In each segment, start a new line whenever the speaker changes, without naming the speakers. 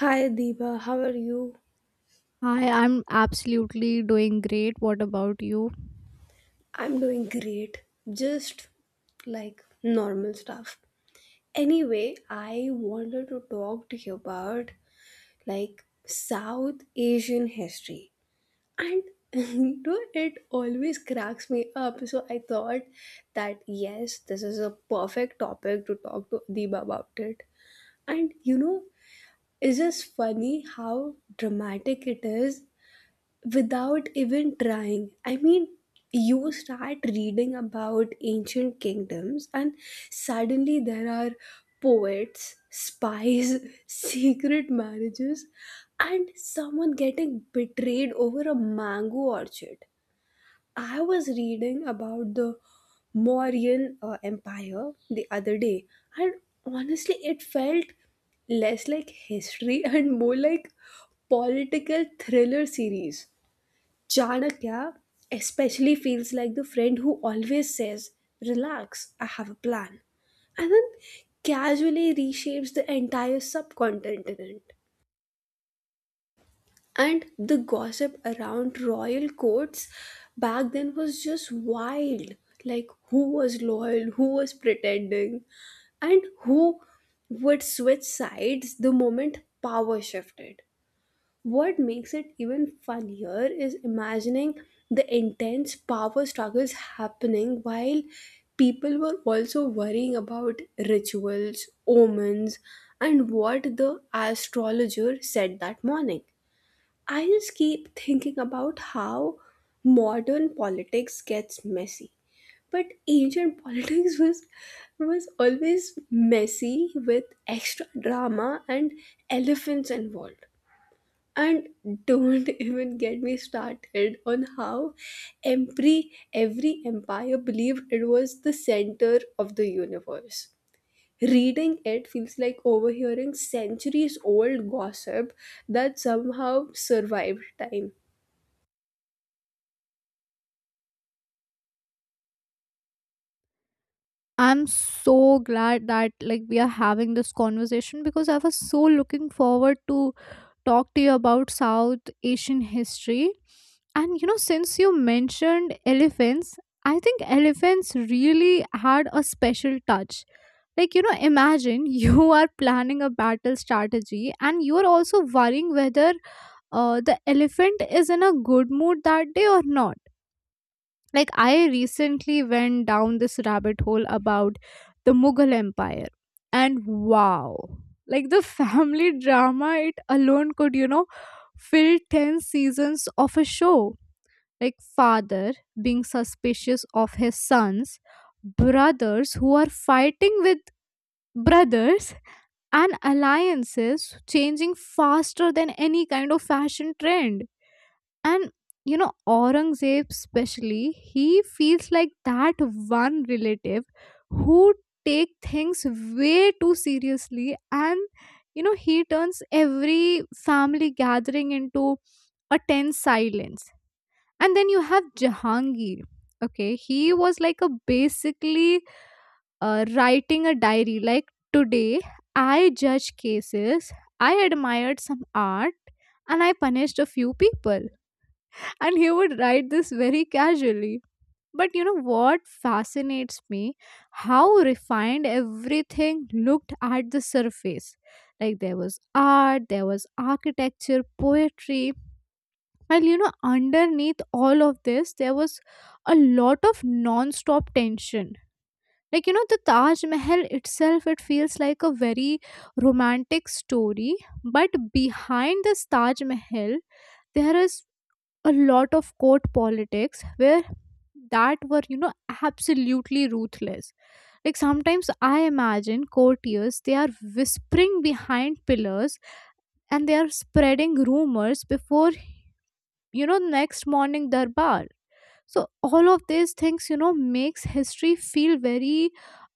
Hi Deepa, how are you?
Hi, I'm absolutely doing great. What about you?
I'm doing great. Just like normal stuff. Anyway, I wanted to talk to you about like South Asian history. And you know, it always cracks me up. So I thought that yes, this is a perfect topic to talk to Deepa about it. And you know, it's just funny how dramatic it is without even trying. I mean, you start reading about ancient kingdoms, and suddenly there are poets, spies, secret marriages, and someone getting betrayed over a mango orchard. I was reading about the Mauryan Empire the other day, and honestly, it felt less like history and more like political thriller series. Chanakya especially feels like the friend who always says, "Relax, I have a plan," and then casually reshapes the entire subcontinent. And the gossip around royal courts back then was just wild, like, who was loyal, who was pretending, and who would switch sides the moment power shifted. What makes it even funnier is imagining the intense power struggles happening while people were also worrying about rituals, omens, and what the astrologer said that morning. I just keep thinking about how modern politics gets messy. But ancient politics was always messy with extra drama and elephants involved, and don't even get me started on how every empire believed it was the center of the universe. Reading it feels like overhearing centuries old gossip that somehow survived time.
I'm so glad that like we are having this conversation because I was so looking forward to talk to you about South Asian history. And you know, since you mentioned elephants, I think elephants really had a special touch. Like, you know, imagine you are planning a battle strategy and you are also worrying whether the elephant is in a good mood that day or not. Like, I recently went down this rabbit hole about the Mughal Empire, and wow, like the family drama it alone could, you know, fill 10 seasons of a show. Like, father being suspicious of his sons, brothers who are fighting with brothers, and alliances changing faster than any kind of fashion trend. And you know, Aurangzeb, especially, he feels like that one relative who take things way too seriously, and you know he turns every family gathering into a tense silence. And then you have Jahangir. Okay, he was like a basically writing a diary, like, today I judge cases, I admired some art, and I punished a few people, and he would write this very casually. But you know what fascinates me, how refined everything looked at the surface. Like there was art, there was architecture, poetry. Well, you know, underneath all of this there was a lot of non-stop tension, like, you know, the Taj Mahal itself, it feels like a very romantic story, but behind this Taj Mahal there is a lot of court politics where that were, you know, absolutely ruthless. Like, sometimes I imagine courtiers, they are whispering behind pillars, and they are spreading rumors before, you know, next morning darbar. So all of these things, you know, makes history feel very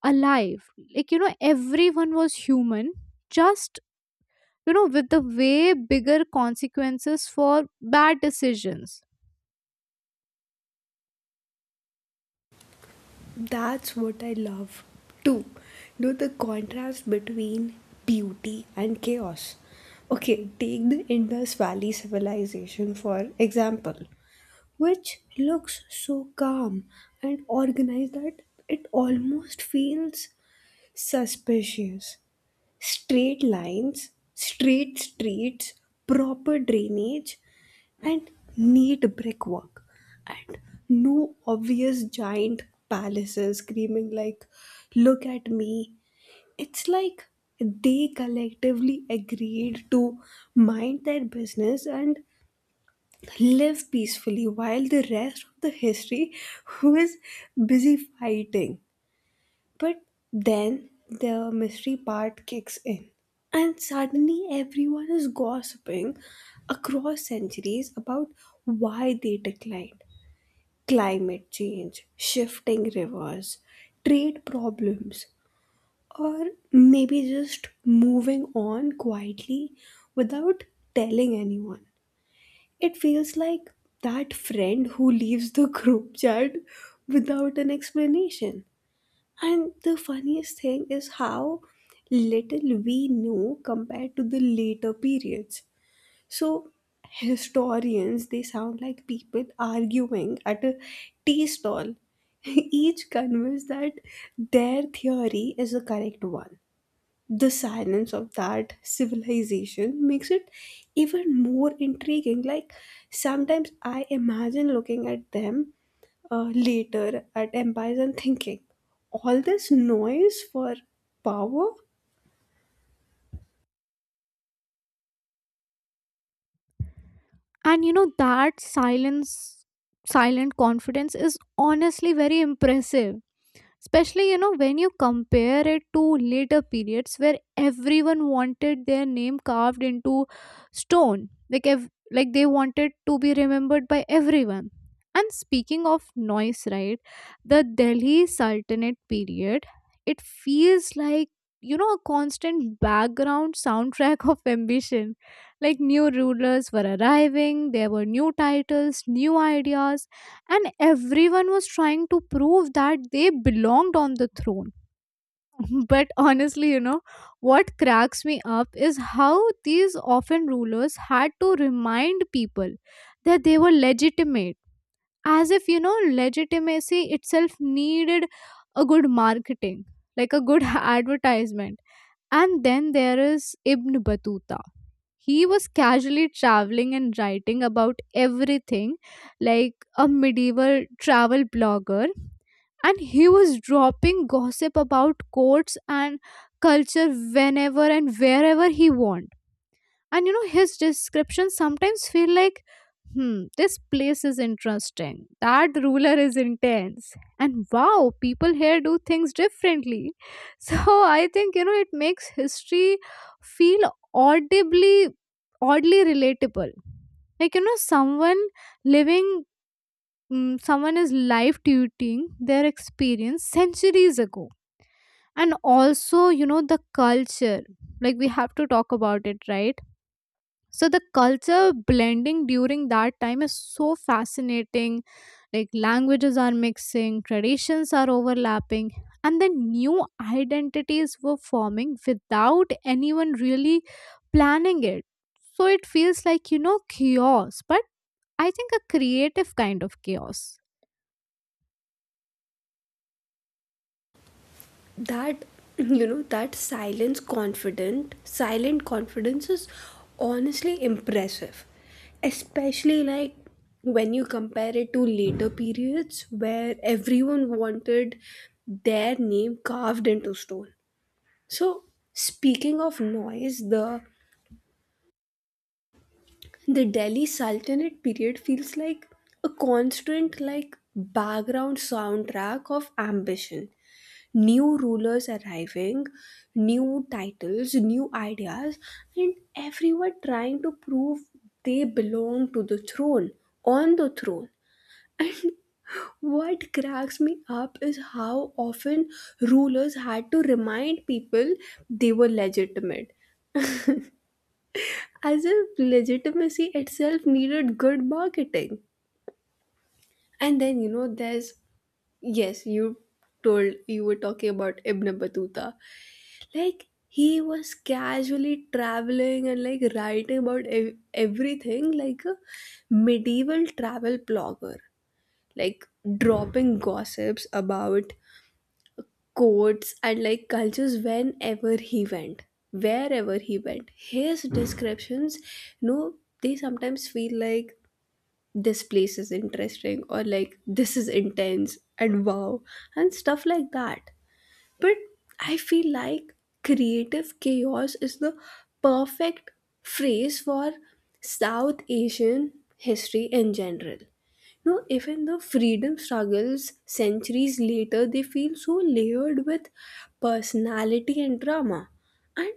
alive, like, you know, everyone was human, just, you know, with the way bigger consequences for bad decisions.
That's what I love too, you know, the contrast between beauty and chaos. Okay, take the Indus Valley civilization for example, which looks so calm and organized that it almost feels suspicious. Straight lines, straight streets, proper drainage, and neat brickwork, and no obvious giant palaces screaming like, "Look at me." It's like they collectively agreed to mind their business and live peacefully while the rest of the history who is busy fighting. But then the mystery part kicks in and suddenly everyone is gossiping across centuries about why they declined: climate change, shifting rivers, trade problems, or maybe just moving on quietly without telling anyone. It feels like that friend who leaves the group chat without an explanation. And the funniest thing is how little we know compared to the later periods. So, historians, they sound like people arguing at a tea stall, each convinced that their theory is the correct one. The silence of that civilization makes it even more intriguing, like sometimes I imagine looking at them, later at empires and thinking all this noise for power.
And you know that silence silent confidence is honestly very impressive, especially, you know, when you compare it to later periods where everyone wanted their name carved into stone, like they wanted to be remembered by everyone. And speaking of noise, right, the Delhi Sultanate period, it feels like, you know, a constant background soundtrack of ambition. Like, new rulers were arriving, there were new titles, new ideas, and everyone was trying to prove that they belonged on the throne. But honestly, you know, what cracks me up is how these often rulers had to remind people that they were legitimate, as if, you know, legitimacy itself needed a good marketing, like a good advertisement. And then there is Ibn Battuta. He was casually traveling and writing about everything, like a medieval travel blogger, and he was dropping gossip about courts and culture whenever and wherever he wanted. And you know his descriptions sometimes feel like, hmm, this place is interesting, that ruler is intense, and wow, people here do things differently. So I think, you know, it makes history feel audibly, oddly relatable, like, you know, someone living, someone is live tweeting their experience centuries ago. And also, you know, the culture, like, we have to talk about it, right? So the culture blending during that time is so fascinating, like languages are mixing, traditions are overlapping, and then new identities were forming without anyone really planning it. So it feels like, you know, chaos, but I think a creative kind of chaos.
That you know, that silence confident silent confidence is honestly impressive, especially like when you compare it to later periods where everyone wanted their name carved into stone. So, speaking of noise, the Delhi Sultanate period feels like a constant, like, background soundtrack of ambition. New rulers arriving, new titles, new ideas, and everyone trying to prove they belong to the throne, on the throne. And what cracks me up is how often rulers had to remind people they were legitimate, as if legitimacy itself needed good marketing. And then, you know, there's, yes, you were talking about Ibn Battuta. Like, he was casually traveling and like writing about everything like a medieval travel blogger, like dropping gossips about courts and like cultures wherever he went. His descriptions, you know, they sometimes feel like, "This place is interesting," or like, "This is intense," and, "Wow," and stuff like that. But I feel like creative chaos is the perfect phrase for South Asian history in general. You know, even the freedom struggles centuries later, they feel so layered with personality and drama. And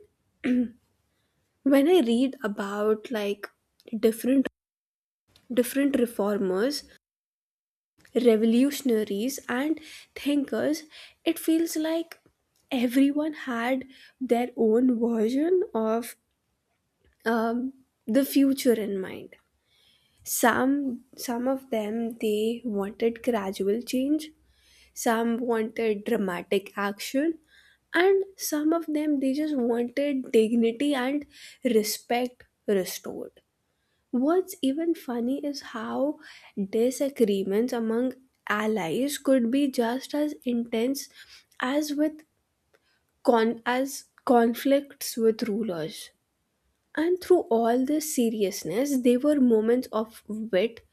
when I read about like different different reformers, revolutionaries, and thinkers, it feels like everyone had their own version of um, the future in mind. Some of them they wanted gradual change, some wanted dramatic action, and some of them they just wanted dignity and respect restored. What's even funny is how disagreements among allies could be just as intense as with as conflicts with rulers. And through all this seriousness, they were moments of wit,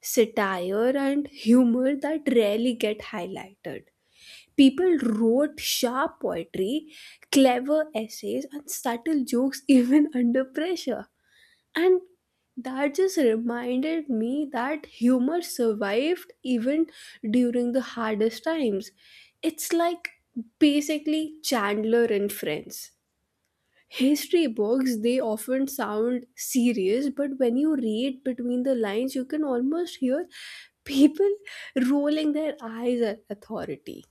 satire, and humor that rarely get highlighted. People wrote sharp poetry, clever essays, and subtle jokes even under pressure. And that just reminded me that humor survived even during the hardest times. It's like basically Chandler and Friends. History books, they often sound serious, but when you read between the lines, you can almost hear people rolling their eyes at authority.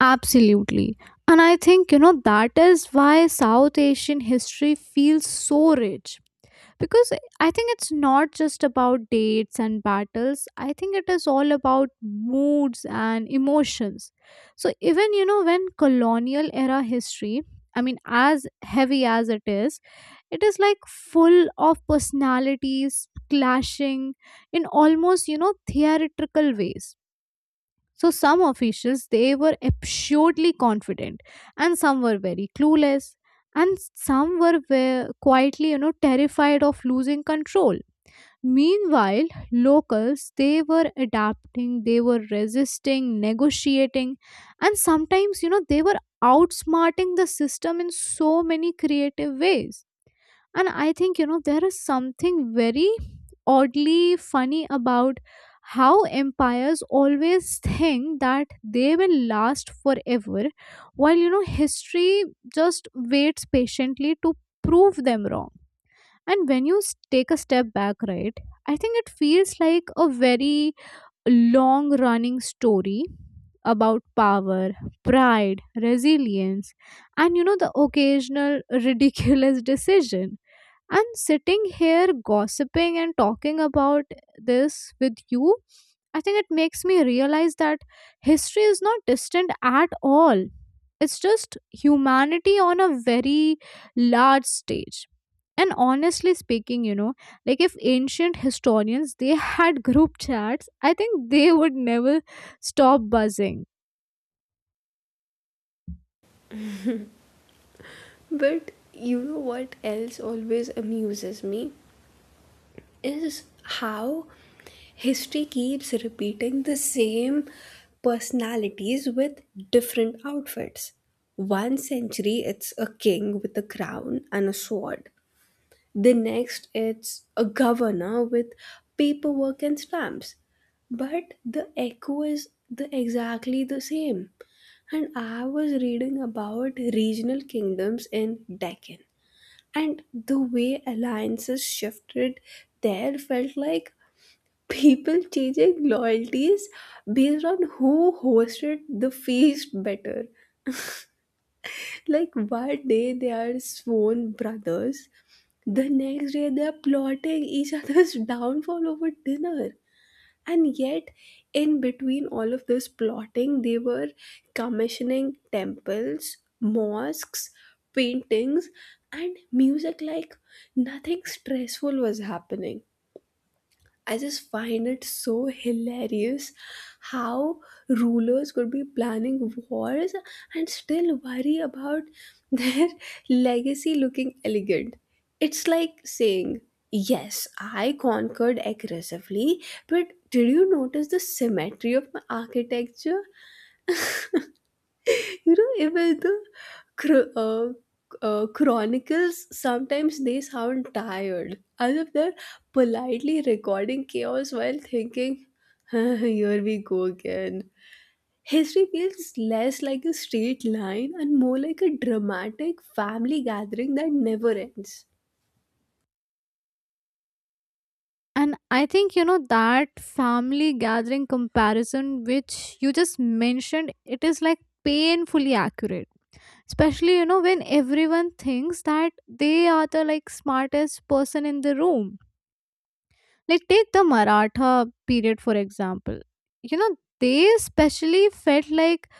Absolutely. And I think, you know, that is why South Asian history feels so rich, because I think it's not just about dates and battles, I think it is all about moods and emotions. So even, you know, when colonial era history, I mean as heavy as it is, it is like full of personalities clashing in almost, you know, theatrical ways. So some officials they were absurdly confident, and some were very clueless, and some were quietly, you know, terrified of losing control. Meanwhile, locals they were adapting, they were resisting, negotiating, and sometimes, you know, they were outsmarting the system in so many creative ways. And I think, you know, there is something very oddly funny about how empires always think that they will last forever, while, you know, history just waits patiently to prove them wrong. And when you take a step back, right, I think it feels like a very long running story about power, pride, resilience, and, you know, the occasional ridiculous decision. And sitting here gossiping and talking about this with you, I think it makes me realize that history is not distant at all. It's just humanity on a very large stage. And honestly speaking, you know, like if ancient historians they had group chats, I think they would never stop buzzing.
But you know what else always amuses me? Is how history keeps repeating the same personalities with different outfits. One century, it's a king with a crown and a sword. The next, it's a governor with paperwork and stamps. But the echo is the exactly the same. And I was reading about regional kingdoms in Deccan, and the way alliances shifted there felt like people changing loyalties based on who hosted the feast better. Like one day they are sworn brothers, the next day they are plotting each other's downfall over dinner. And yet, in between all of this plotting, they were commissioning temples, mosques, paintings, and music like nothing stressful was happening. I just find it so hilarious how rulers could be planning wars and still worry about their legacy looking elegant. It's like saying, "Yes, I conquered aggressively, but did you notice the symmetry of my architecture?" You know, even the chro- uh, chronicles sometimes they sound tired, as if they're politely recording chaos while thinking, "Huh, here we go again." History feels less like a straight line and more like a dramatic family gathering that never ends.
And I think, you know, that family gathering comparison, which you just mentioned, it is like painfully accurate. Especially, you know, when everyone thinks that they are the like smartest person in the room. Like, take the Maratha period, for example. You know, they especially felt like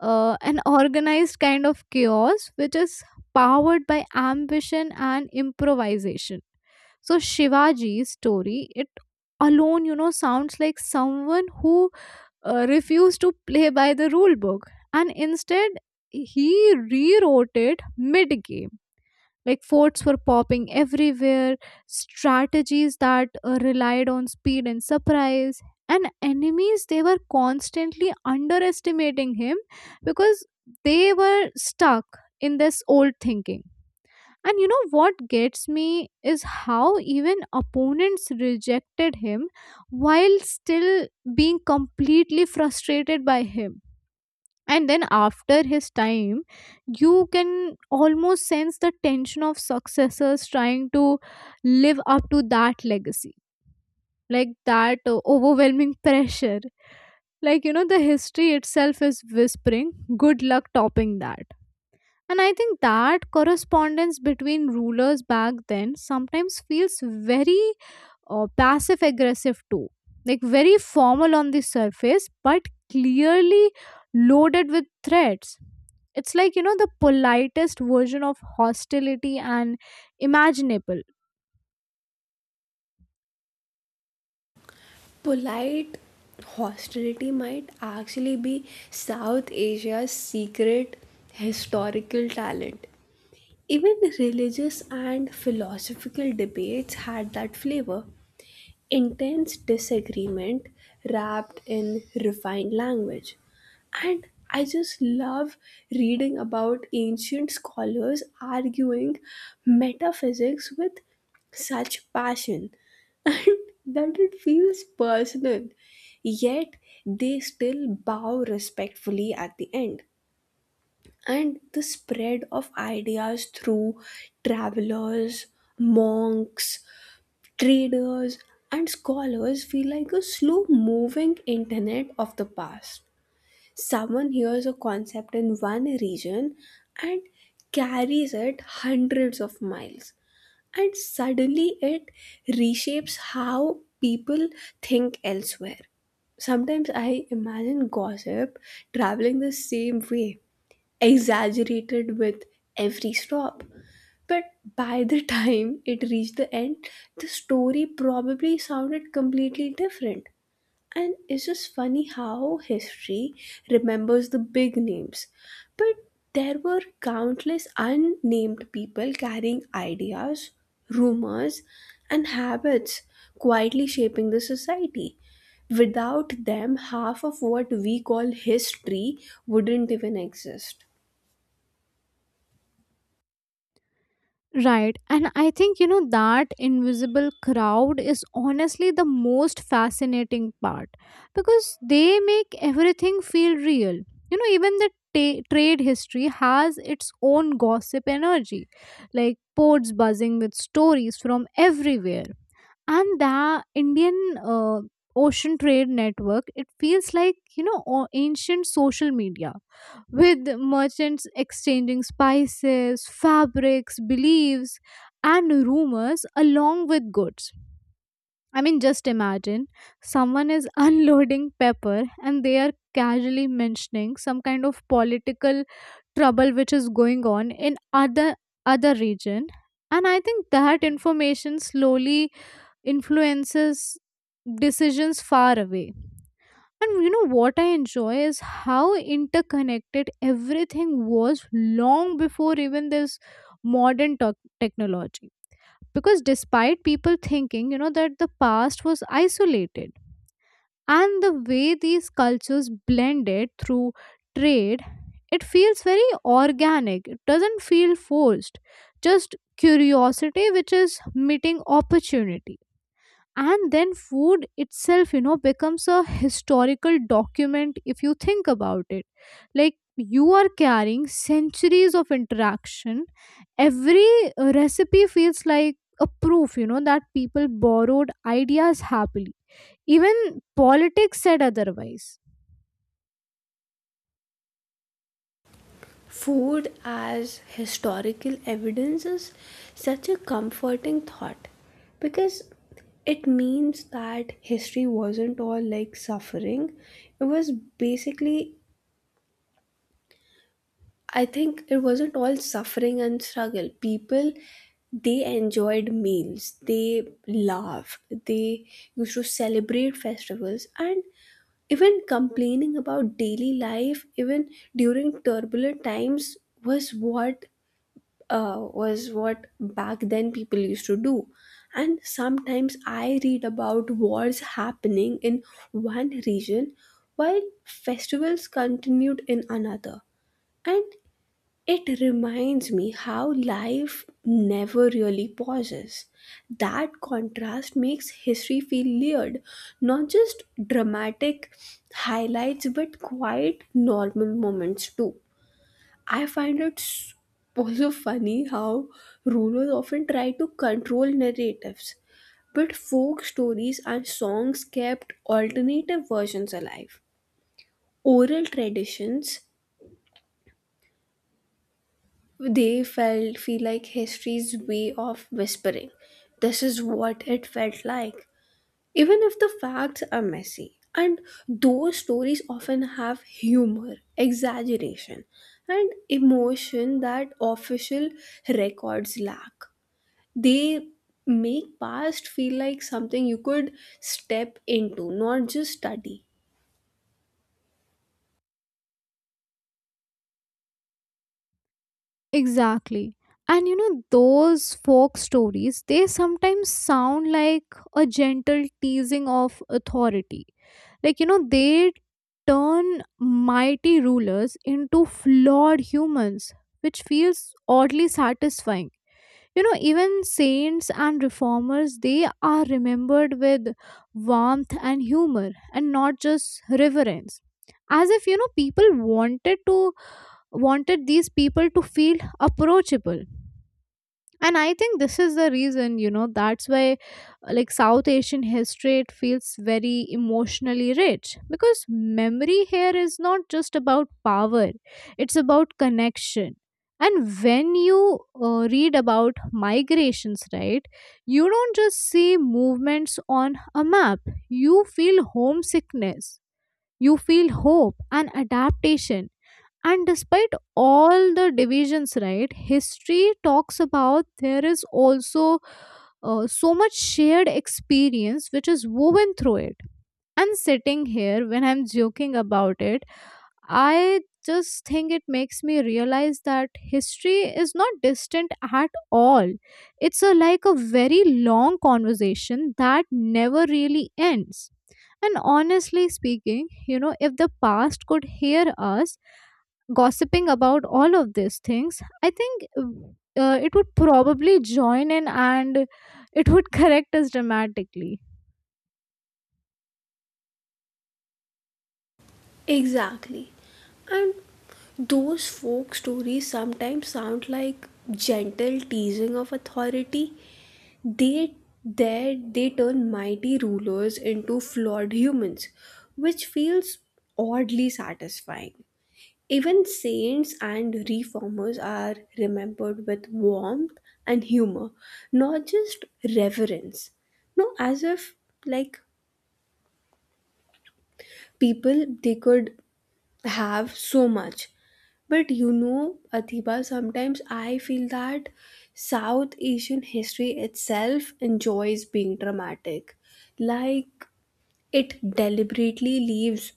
an organized kind of chaos which is powered by ambition and improvisation. So Shivaji's story, it alone, you know, sounds like someone who refused to play by the rule book, and instead he rewrote it mid game. Like forts were popping everywhere, strategies that relied on speed and surprise, and enemies they were constantly underestimating him because they were stuck in this old thinking. And you know what gets me is how even opponents rejected him while still being completely frustrated by him. And then after his time you can almost sense the tension of successors trying to live up to that legacy, like that overwhelming pressure, like, you know, the history itself is whispering, good luck topping that. And I think that correspondence between rulers back then sometimes feels very passive aggressive too. Like very formal on the surface, but clearly loaded with threats. It's like, you know, the politest version of hostility and imaginable.
Polite hostility might actually be South Asia's secret historical talent. Even religious and philosophical debates had that flavor: intense disagreement wrapped in refined language. And I just love reading about ancient scholars arguing metaphysics with such passion and that it feels personal. Yet they still bow respectfully at the end. And the spread of ideas through travelers, monks, traders, and scholars feel like a slow moving internet of the past. Someone hears a concept in one region and carries it hundreds of miles, and suddenly it reshapes how people think elsewhere. Sometimes I imagine gossip traveling the same way, exaggerated with every stop. But by the time it reached the end, the story probably sounded completely different. And it's just funny how history remembers the big names. But there were countless unnamed people carrying ideas, rumors, and habits, quietly shaping the society. Without them, half of what we call history wouldn't even exist.
Right. And I think, you know, that invisible crowd is honestly the most fascinating part because they make everything feel real. You know, even the trade history has its own gossip energy, like ports buzzing with stories from everywhere. And the Indian uh, Ocean Trade Network, it feels like, you know, ancient social media with merchants exchanging spices, fabrics, beliefs, and rumors along with goods. I mean, just imagine someone is unloading pepper and they are casually mentioning some kind of political trouble which is going on in other region. And I think that information slowly influences decisions far away. And you know what I enjoy is how interconnected everything was long before even this modern technology. Because despite people thinking, you know, that the past was isolated, and the way these cultures blended through trade, it feels very organic. It doesn't feel forced. Just curiosity, which is meeting opportunity. And then food itself, you know, becomes a historical document if you think about it, like you are carrying centuries of interaction. Every recipe feels like a proof, you know, that people borrowed ideas happily even politics said otherwise.
Food as historical evidence is such a comforting thought because it means that history wasn't all like suffering. It was basically, I think, it wasn't all suffering and struggle. People, they enjoyed meals, they laughed, they used to celebrate festivals, and even complaining about daily life, even during turbulent times, was what was what back then people used to do. And sometimes I read about wars happening in one region while festivals continued in another. And it reminds me how life never really pauses. That contrast makes history feel layered, not just dramatic highlights, but quite normal moments too. I find also funny how rulers often try to control narratives, but folk stories and songs kept alternative versions alive. Oral traditions, they felt feel like history's way of whispering, "This is what it felt like," even if the facts are messy. And those stories often have humor, exaggeration, and emotion that official records lack. They make past feel like something you could step into, not just study.
Exactly. And you know, those folk stories, they sometimes sound like a gentle teasing of authority. Like, you know, they turn mighty rulers into flawed humans, which feels oddly satisfying. You know, even saints and reformers, they are remembered with warmth and humor and not just reverence. As if, you know, people wanted these people to feel approachable. And I think this is the reason, you know, that's why, like, South Asian history it feels very emotionally rich because memory here is not just about power, it's about connection. And when you read about migrations, right, you don't just see movements on a map, you feel homesickness, you feel hope and adaptation. And despite all the divisions, right, history talks about, there is also so much shared experience which is woven through it. And sitting here when I'm joking about it, I just think it makes me realize that history is not distant at all. It's a, like a very long conversation that never really ends. And honestly speaking, you know, if the past could hear us gossiping about all of these things, I think it would probably join in and it would correct us dramatically.
Exactly. And those folk stories sometimes sound like gentle teasing of authority. They they turn mighty rulers into flawed humans, which feels oddly satisfying. Even saints and reformers are remembered with warmth and humor, not just reverence. No, as if like people they could have so much. But you know, Athiba, sometimes I feel that South Asian history itself enjoys being dramatic. Like, it deliberately leaves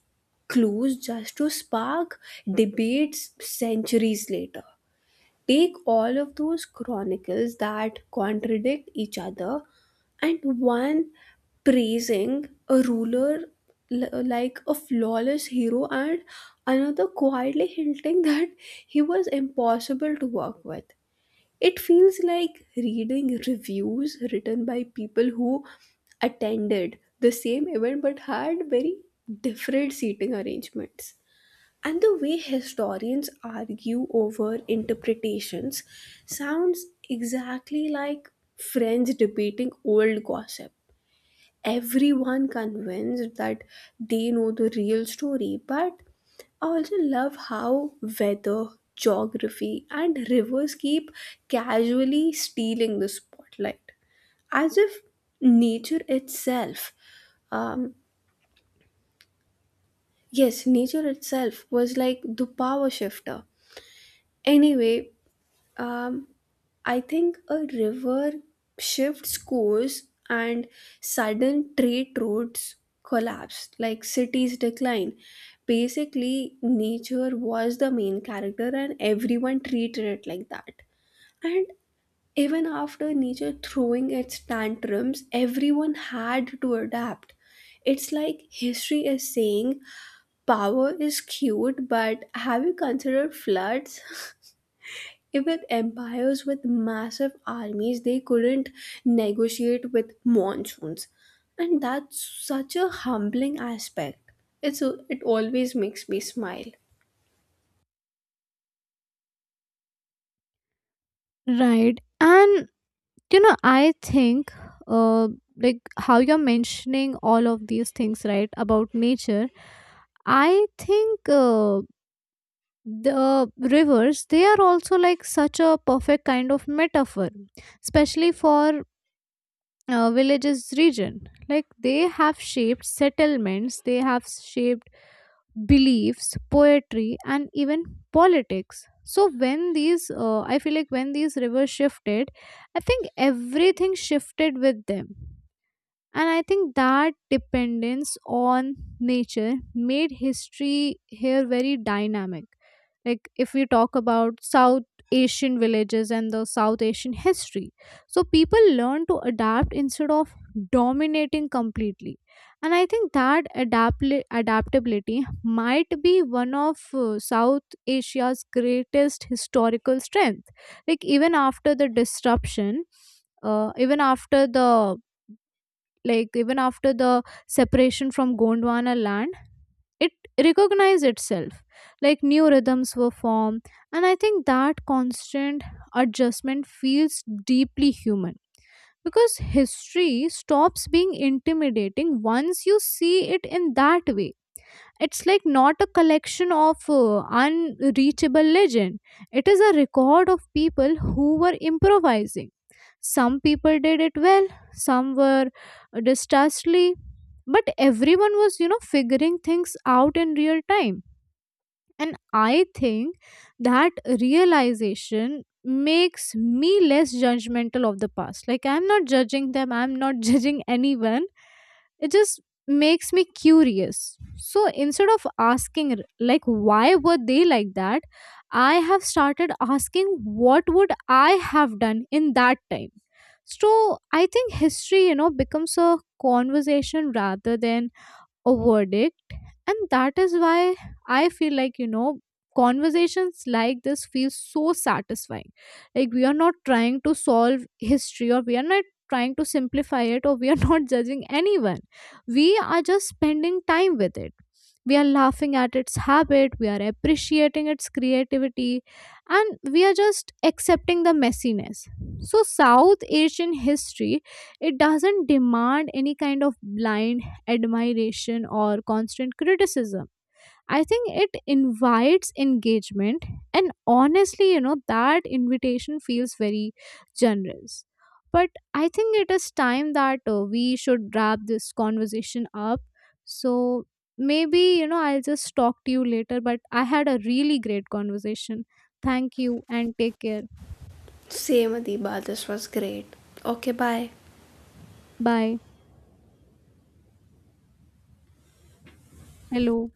clues just to spark debates centuries later. Take all of those chronicles that contradict each other, and one praising a ruler like a flawless hero and another quietly hinting that he was impossible to work with. It feels like reading reviews written by people who attended the same event but had very different seating arrangements. And the way historians argue over interpretations sounds exactly like friends debating old gossip. Everyone convinced that they know the real story. But I also love how weather, geography, and rivers keep casually stealing the spotlight, as if nature itself, um yes, nature itself was like the power shifter. Anyway, um, I think a river shifts course and sudden trade routes collapse, like cities decline. Basically, nature was the main character, and everyone treated it like that. And even after nature throwing its tantrums, everyone had to adapt. It's like history is saying, "Power is cute, but have you considered floods?" With empires with massive armies, they couldn't negotiate with monsoons. And that's such a humbling aspect. It always makes me smile.
Right. And, you know, I think, uh, like how you're mentioning all of these things, right, about nature, I think the rivers, they are also like such a perfect kind of metaphor, especially for villages region. Like they have shaped settlements, they have shaped beliefs, poetry, and even politics. So when these I feel like when these rivers shifted, I think everything shifted with them. And I think that dependence on nature made history here very dynamic. Like, if we talk about South Asian villages and the South Asian history, so people learn to adapt instead of dominating completely. And I think that adaptability might be one of South Asia's greatest historical strength. Like, even after the disruption, even after the like even after the separation from Gondwana land, it recognized itself. Like new rhythms were formed, and I think that constant adjustment feels deeply human because history stops being intimidating once you see it in that way. It's like not a collection of unreachable legend. It is a record of people who were improvising. Some people did it well, some were distrustfully, but everyone was, you know, figuring things out in real time. And I think that realization makes me less judgmental of the past. Like, I'm not judging them, I'm not judging anyone. It just makes me curious. So, instead of asking, like, why were they like that, I have started asking, what would I have done in that time? So, I think history, you know, becomes a conversation rather than a verdict. And that is why I feel like, you know, conversations like this feel so satisfying, like we are not trying to solve history, or we are not trying to simplify it, or we are not judging anyone. We are just spending time with it, we are laughing at its habit, we are appreciating its creativity, and we are just accepting the messiness. So South Asian history, it doesn't demand any kind of blind admiration or constant criticism. I think it invites engagement, and honestly, you know, that invitation feels very generous. But I think it is time that we should wrap this conversation up. So maybe, you know, I'll just talk to you later. But I had a really great conversation. Thank you and take care.
Same, Adiba, this was great. Okay, bye.
Bye. Hello.